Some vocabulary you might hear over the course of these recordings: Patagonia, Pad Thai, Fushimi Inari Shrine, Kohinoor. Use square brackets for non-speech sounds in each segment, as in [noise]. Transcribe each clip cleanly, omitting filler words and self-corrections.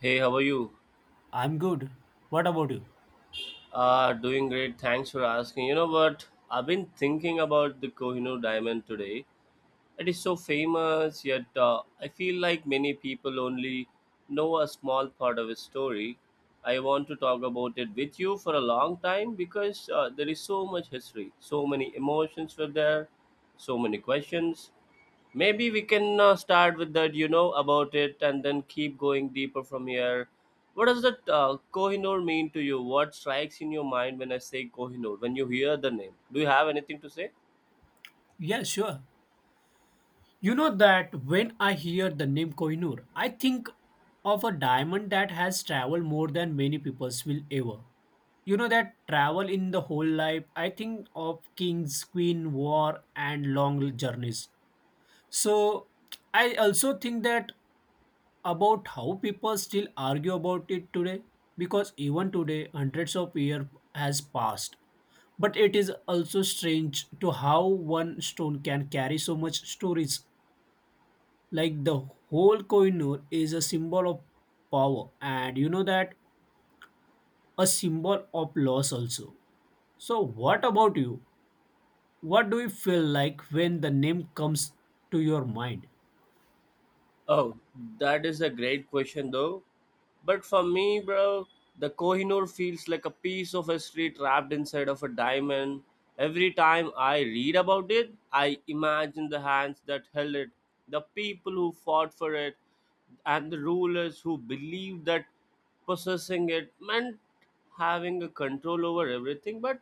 Hey, how are you? I'm good. What about you? Doing great. Thanks for asking. You know what? I've been thinking about the Kohinoor diamond today. It is so famous, yet I feel like many people only know a small part of his story. I want to talk about it with you for a long time because there is so much history, so many emotions were there, so many questions. Maybe we can start with that, about it, and then keep going deeper from here. What does that Kohinoor mean to you? What strikes in your mind when I say Kohinoor, when you hear the name? Do you have anything to say? Yeah, sure. You know that when I hear the name Kohinoor, I think of a diamond that has traveled more than many peoples will ever. You know that travel in the whole life, I think of kings, queen, war, and long journeys. So I also think that about how people still argue about it today because even today hundreds of years has passed. But it is also strange to how one stone can carry so much stories. Like the whole Kohinoor is a symbol of power, and you know that a symbol of loss also. So, what about you? What do you feel like when the name comes to your mind? Oh, that is a great question though. But for me, bro, the Kohinoor feels like a piece of history trapped inside of a diamond. Every time I read about it, I imagine the hands that held it, the people who fought for it, and the rulers who believed that possessing it meant having a control over everything. But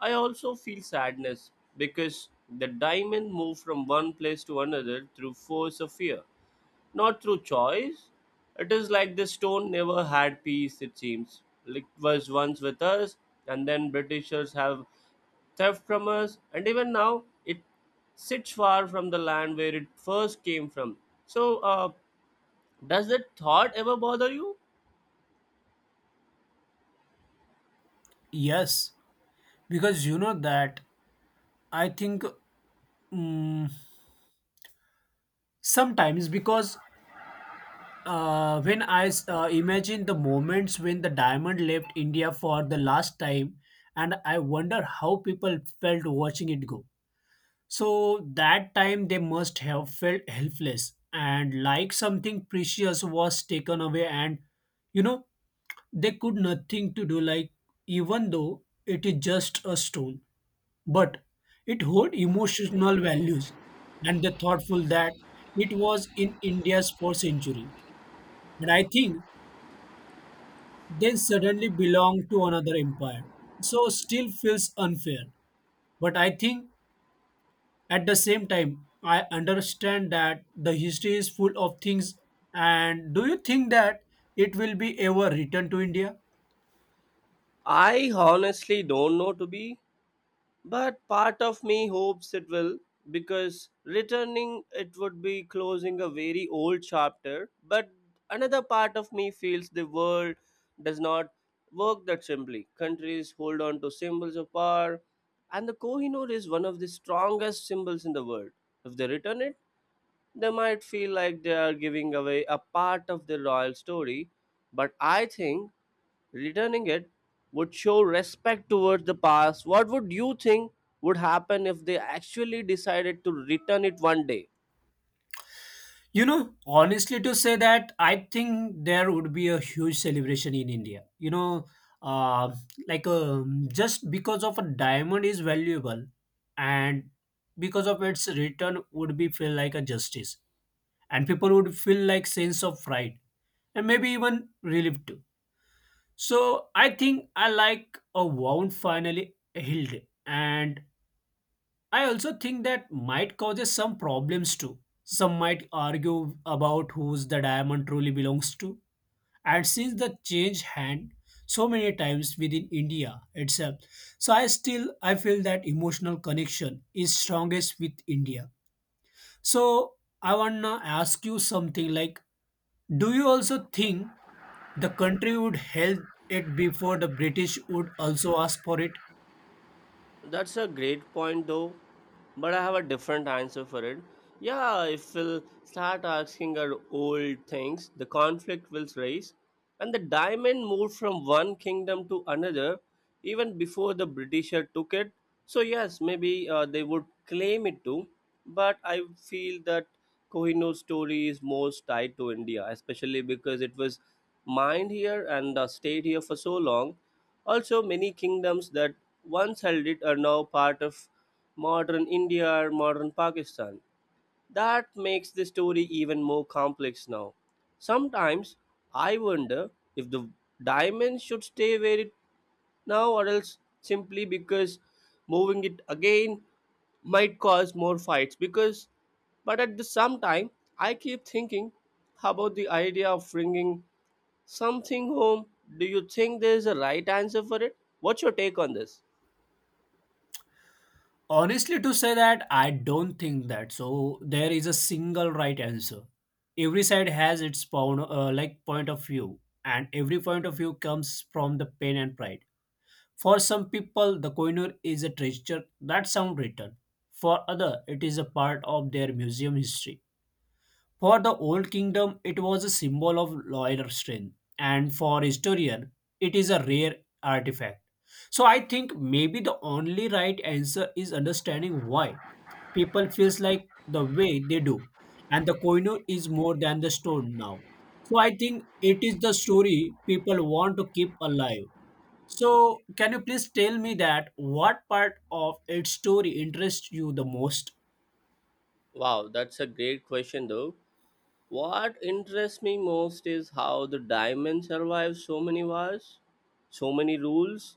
I also feel sadness because the diamond moved from one place to another through force of fear, not through choice. It is like the stone never had peace, it seems. It was once with us, and then Britishers have theft from us, and even now it sits far from the land where it first came from. So, does that thought ever bother you? Yes, because you know that I think mm sometimes because when I imagine the moments when the diamond left India for the last time, and I wonder how people felt watching it go. So that time they must have felt helpless and like something precious was taken away, and you know they could nothing to do. Like even though it is just a stone, but it hold emotional values, and the thoughtful that it was in India's fourth century, and I think then suddenly belong to another empire. So still feels unfair. But I think at the same time, I understand that the history is full of things. And do you think that it will be ever returned to India? I honestly don't know to be. But part of me hopes it will, because returning it would be closing a very old chapter. But another part of me feels the world does not work that simply. Countries hold on to symbols of power, and the Kohinoor is one of the strongest symbols in the world. If they return it, they might feel like they are giving away a part of the royal story, but I think returning it would show respect towards the past. What would you think would happen if they actually decided to return it one day? You know, honestly, to say that, I think there would be a huge celebration in India. Uh, just because of a diamond is valuable, and because of its return would be feel like a justice and people would feel like sense of pride and maybe even relief too. So I think I like a wound finally healed, and I also think that might causes some problems too. Some might argue about whose the diamond truly belongs to, and since the change hand so many times within India itself, so I still I feel that emotional connection is strongest with India, so I wanna ask you something like, do you also think the country would help it before the British would also ask for it? That's a great point though, but I have a different answer for it. Yeah, if we'll start asking our old things, the conflict will rise, and the diamond moved from one kingdom to another even before the Britisher took it. So, yes, maybe they would claim it too, but I feel that Kohinoor story is most tied to India, especially because it was mind here and stayed here for so long. Also, many kingdoms that once held it are now part of modern India or modern Pakistan. That makes the story even more complex now. Sometimes I wonder if the diamond should stay where it now or else, simply because moving it again might cause more fights. Because but at the same time, I keep thinking about the idea of bringing something home. Do you think there's a right answer for it? What's your take on this? Honestly, to say that, I don't think that. So there is a single right answer. Every side has its point, like point of view, and every point of view comes from the pain and pride. For some people, the coiner is a treasure that sound written. For other, it is a part of their museum history. For the Old Kingdom, it was a symbol of loyal strength, and for historian, it is a rare artifact. So I think maybe the only right answer is understanding why people feels like the way they do, and the koino is more than the stone now. So I think it is the story people want to keep alive. So can you please tell me that what part of its story interests you the most? Wow, that's a great question though. What interests me most is how the diamond survives so many wars, so many rules,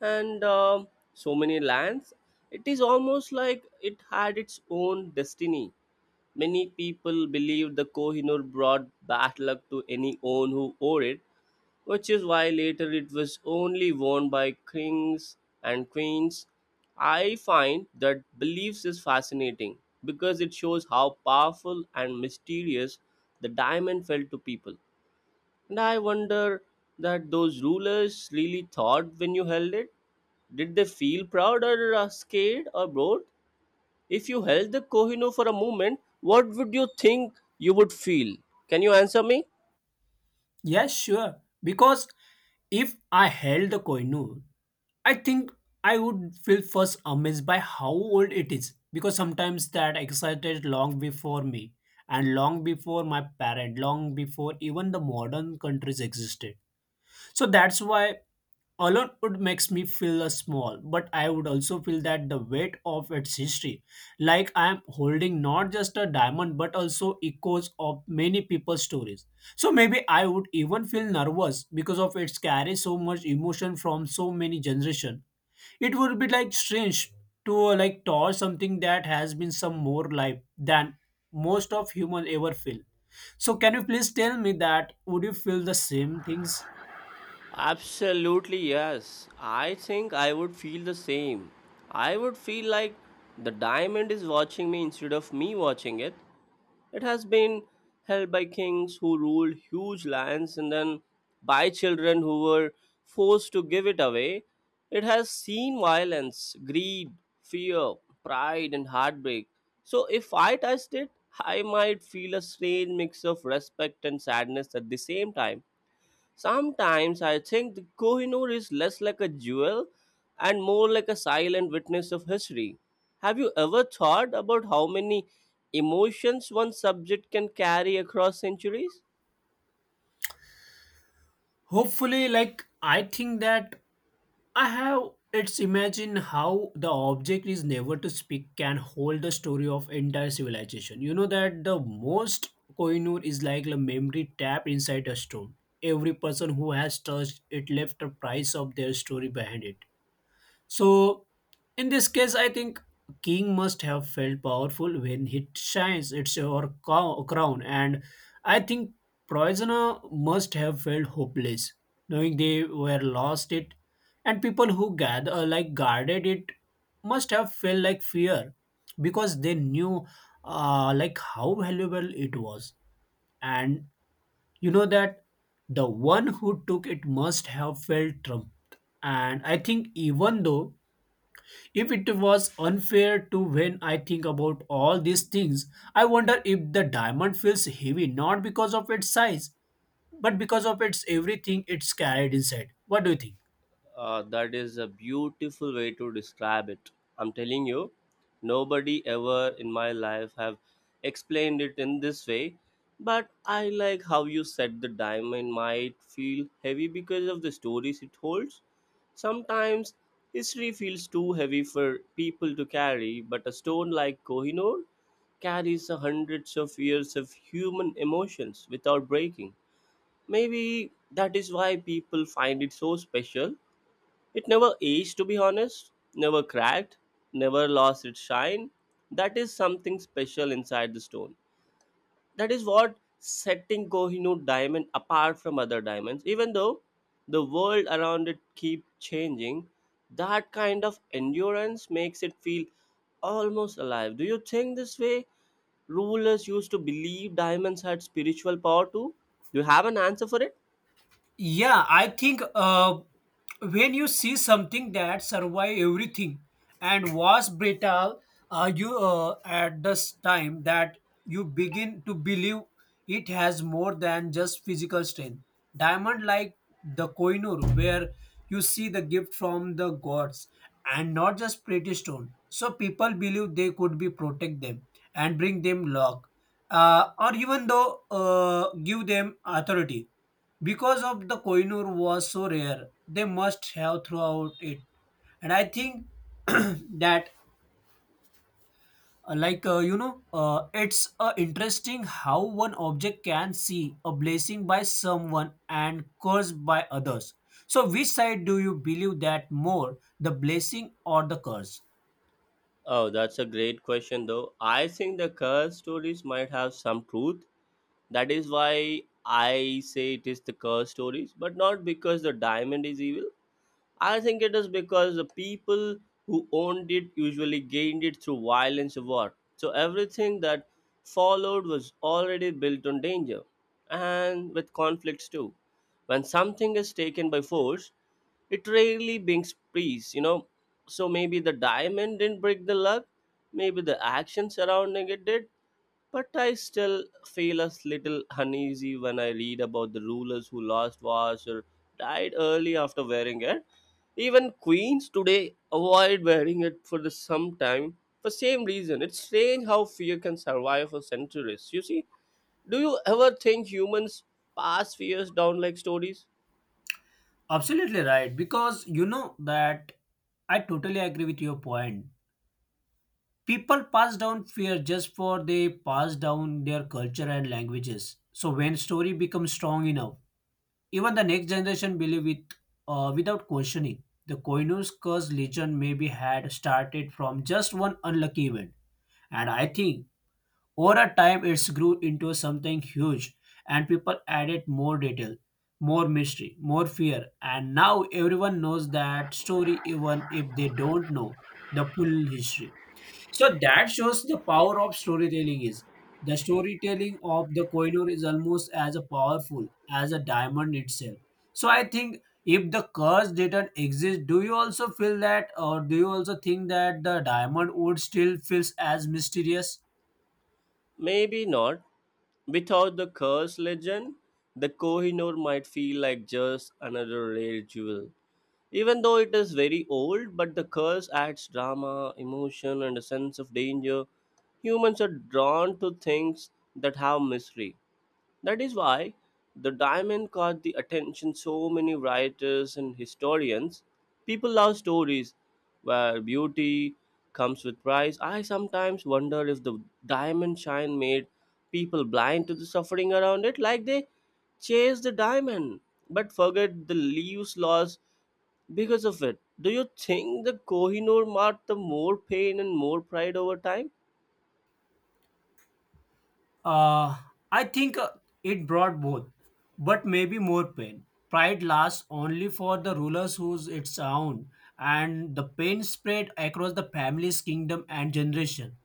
and so many lands. It is almost like it had its own destiny. Many people believe the Kohinoor brought bad luck to any own who owed it, which is why later it was only worn by kings and queens. I find that beliefs is fascinating because it shows how powerful and mysterious the diamond felt to people. And I wonder that those rulers really thought when you held it. Did they feel proud or scared or bored? If you held the Kohinoor for a moment, what would you think you would feel? Can you answer me? Yes, sure. Because if I held the Koinur, I think I would feel first amazed by how old it is. Because sometimes that excited long before me and long before my parent, long before even the modern countries existed, so that's why alone would makes me feel small, but I would also feel that the weight of its history, like I am holding not just a diamond but also echoes of many people's stories. So maybe I would even feel nervous because of its carry so much emotion from so many generation. It would be like strange to like toss something that has been some more life than most of human ever feel. So can you please tell me that would you feel the same things? Absolutely, yes. I think I would feel the same. I would feel like the diamond is watching me instead of me watching it. It has been held by kings who ruled huge lands and then by children who were forced to give it away. It has seen violence, greed, fear, pride, and heartbreak. So if I touched it, I might feel a strange mix of respect and sadness at the same time. Sometimes I think the Kohinoor is less like a jewel and more like a silent witness of history. Have you ever thought about how many emotions one subject can carry across centuries? Hopefully, like I think that I have it's imagine how the object is never to speak can hold the story of entire civilization. You know that the most Kohinoor is like a memory tap inside a stone. Every person who has touched it left a price of their story behind it. So, in this case, I think king must have felt powerful when he shines its or crown, and I think prisoner must have felt hopeless, knowing they were lost it, and people who gather like guarded it must have felt like fear because they knew like how valuable it was, and you know that the one who took it must have felt trumped, and I think even though if it was unfair to when I think about all these things, I wonder if the diamond feels heavy not because of its size, but because of its everything it's carried inside. What do you think? That is a beautiful way to describe it. I'm telling you, nobody ever in my life have explained it in this way. But I like how you said the diamond might feel heavy because of the stories it holds. Sometimes history feels too heavy for people to carry, but a stone like Kohinoor carries hundreds of years of human emotions without breaking. Maybe that is why people find it so special. It never aged, to be honest, never cracked, never lost its shine. That is something special inside the stone. That is what setting Kohinoor diamond apart from other diamonds. Even though the world around it keep changing, that kind of endurance makes it feel almost alive. Do you think this way rulers used to believe diamonds had spiritual power too? Do you have an answer for it? Yeah, I think when you see something that survive everything and was brittle, you at this time that you begin to believe it has more than just physical strength. Diamond like the Koinur, where you see the gift from the gods and not just pretty stone. So people believe they could be protect them and bring them luck, or even though give them authority because of the Koinur was so rare, they must have throughout it. And I think [clears throat] that, like you know, it's interesting how one object can see a blessing by someone and curse by others. So, which side do you believe that more, the blessing or the curse? Oh, that's a great question, though. I think the curse stories might have some truth. That is why I say it is the curse stories, but not because the diamond is evil. I think it is because the people who owned it usually gained it through violence or war. So everything that followed was already built on danger and with conflicts too. When something is taken by force, it rarely brings peace, So maybe the diamond didn't break the luck, maybe the action surrounding it did, but I still feel a little uneasy when I read about the rulers who lost wars or died early after wearing it, even queens today avoid wearing it for the some time for same reason. It's strange how fear can survive for centuries. You see, do you ever think humans pass fears down like stories? Absolutely right, because you know that I totally agree with your point. People pass down fear just for they pass down their culture and languages. So when story becomes strong enough, even the next generation believe it without questioning. The koinu's curse legend maybe had started from just one unlucky event, and I think over a time it's grew into something huge, and people added more detail, more mystery, more fear, and now everyone knows that story even if they don't know the full history. So that shows the power of storytelling is. The storytelling of the Kohinoor is almost as powerful as a diamond itself. So I think if the curse didn't exist, do you also feel that, or do you also think that the diamond would still feels as mysterious? Maybe not. Without the curse legend, the Kohinoor might feel like just another rare jewel. Even though it is very old, but the curse adds drama, emotion, and a sense of danger. Humans are drawn to things that have mystery. That is why the diamond caught the attention so many writers and historians. People love stories where beauty comes with price. I sometimes wonder if the diamond shine made people blind to the suffering around it, like they chased the diamond but forget the leaves lost because of it. Do you think the Kohinoor marked the more pain and more pride over time? Uh, I think it brought both, but maybe more pain. Pride lasts only for the rulers whose its own, and the pain spread across the family's kingdom and generation.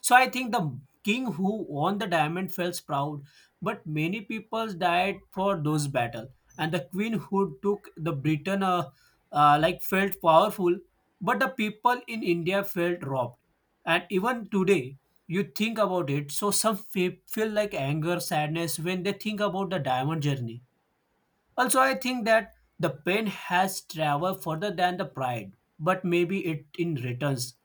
So I think the king who won the diamond felt proud, but many people died for those battles. And the queen who took the Britain like felt powerful, but the people in India felt robbed. And even today, you think about it, so some feel like anger, sadness when they think about the diamond journey. Also, I think that the pen has traveled further than the pride, but maybe it in returns.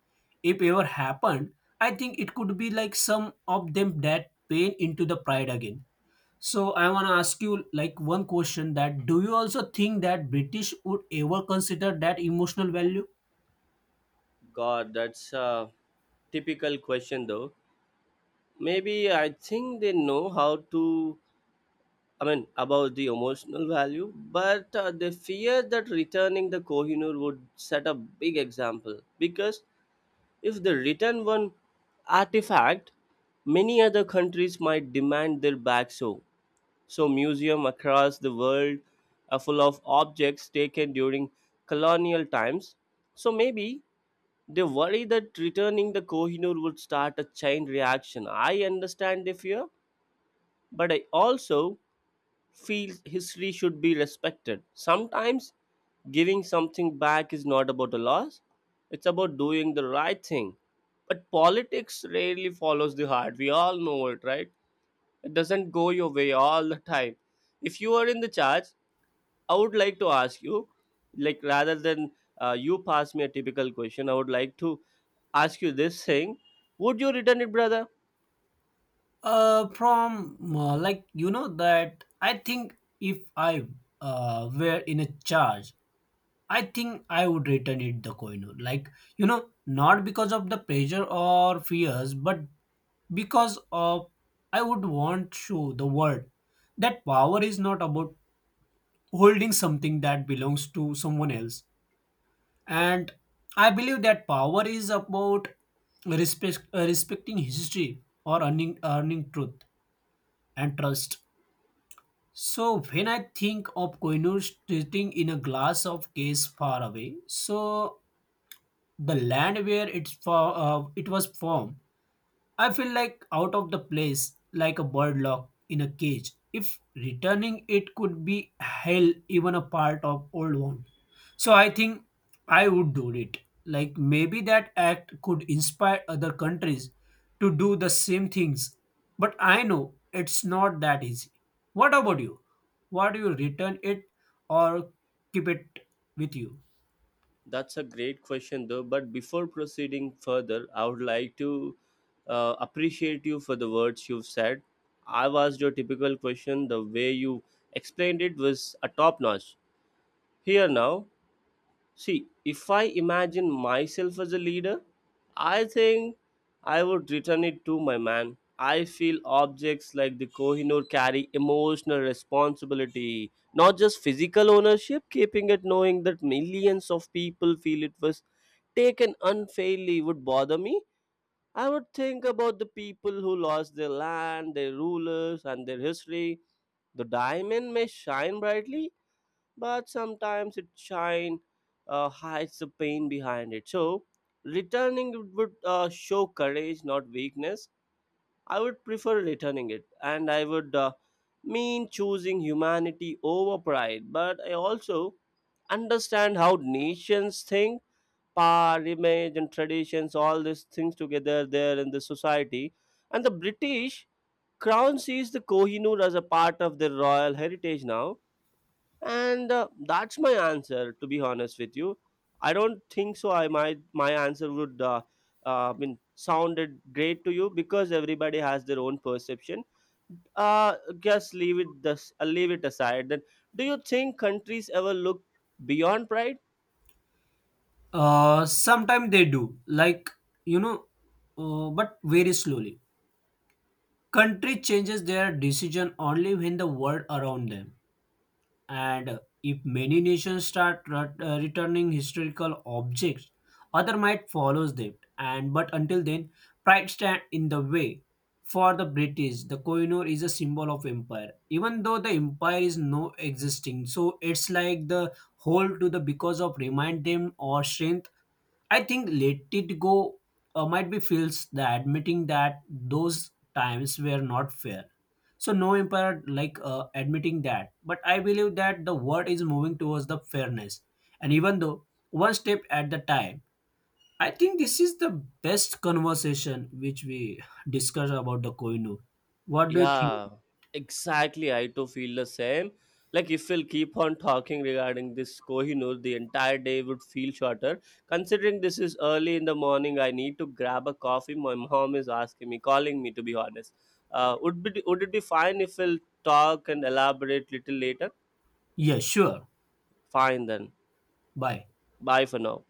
If ever happened, I think it could be like some of them that pain into the pride again. So I wanna ask you like one question that do you also think that British would ever consider that emotional value? God, that's a typical question though. Maybe I think they know how to, I mean, about the emotional value, but they fear that returning the Kohinoor would set a big example. Because if they return one artifact, many other countries might demand their back. So museum across the world are full of objects taken during colonial times. So maybe they worry that returning the Kohinoor would start a chain reaction. I understand the fear, but I also feel history should be respected. Sometimes giving something back is not about a loss, it's about doing the right thing. But politics rarely follows the heart. We all know it, right? It doesn't go your way all the time. If you are in the charge, I would like to ask you, like rather than you pass me a typical question, I would like to ask you this thing. Would you return it, brother? From like you know that I think if I were in a charge, I think I would return it the coin. Like, you know, not because of the pressure or fears, but because of I would want to the world that power is not about holding something that belongs to someone else. And I believe that power is about respect, respecting history or earning truth and trust. So when I think of Koinur sitting in a glass of case far away, so the land where it was formed, I feel like out of the place, like a bird locked in a cage. If returning it could be hell even a part of old one, so I think I would do it. Like maybe that act could inspire other countries to do the same things, but I know it's not that easy. What about you? What do you return it or keep it with you? That's a great question, though. But before proceeding further, I would like to appreciate you for the words you've said. I've asked your typical question. The way you explained it was a top notch. Here now, see, if I imagine myself as a leader, I think I would return it to my man. I feel objects like the Kohinoor carry emotional responsibility, not just physical ownership. Keeping it knowing that millions of people feel it was taken unfairly would bother me. I would think about the people who lost their land, their rulers, and their history. The diamond may shine brightly, but sometimes its shine hides the pain behind it. So, returning it would show courage, not weakness. I would prefer returning it, and I would, mean, choosing humanity over pride. But I also understand how nations think. Par, image, and traditions, all these things together there in the society. And the British crown sees the Kohinoor as a part of their royal heritage now. And that's my answer, to be honest with you. I don't think so. I might, my answer would, I mean, sounded great to you because everybody has their own perception. Just leave it. Thus, leave it aside. Then, do you think countries ever look beyond pride? Sometimes they do, like you know, but very slowly. Country changes their decision only when the world around them, and if many nations start returning historical objects, other might follow them. And but until then, pride stand in the way. For the British, the Kohinoor is a symbol of empire, even though the empire is no existing. So it's like the hold to the because of remind them or strength. I think Let It Go might be feels the admitting that those times were not fair. So no empire like admitting that, but I believe that the world is moving towards the fairness, and even though one step at the time. I think this is the best conversation which we discuss about the Koinur. What do you think? Yeah, exactly. I too feel the same. Like if we'll keep on [laughs] talking regarding this Kohinoor, the entire day would feel shorter. Considering this is early in the morning, I need to grab a coffee. My mom is asking me, calling me to be honest. Would it be fine if we'll talk and elaborate little later? Yeah, sure. Fine then. Bye. Bye for now.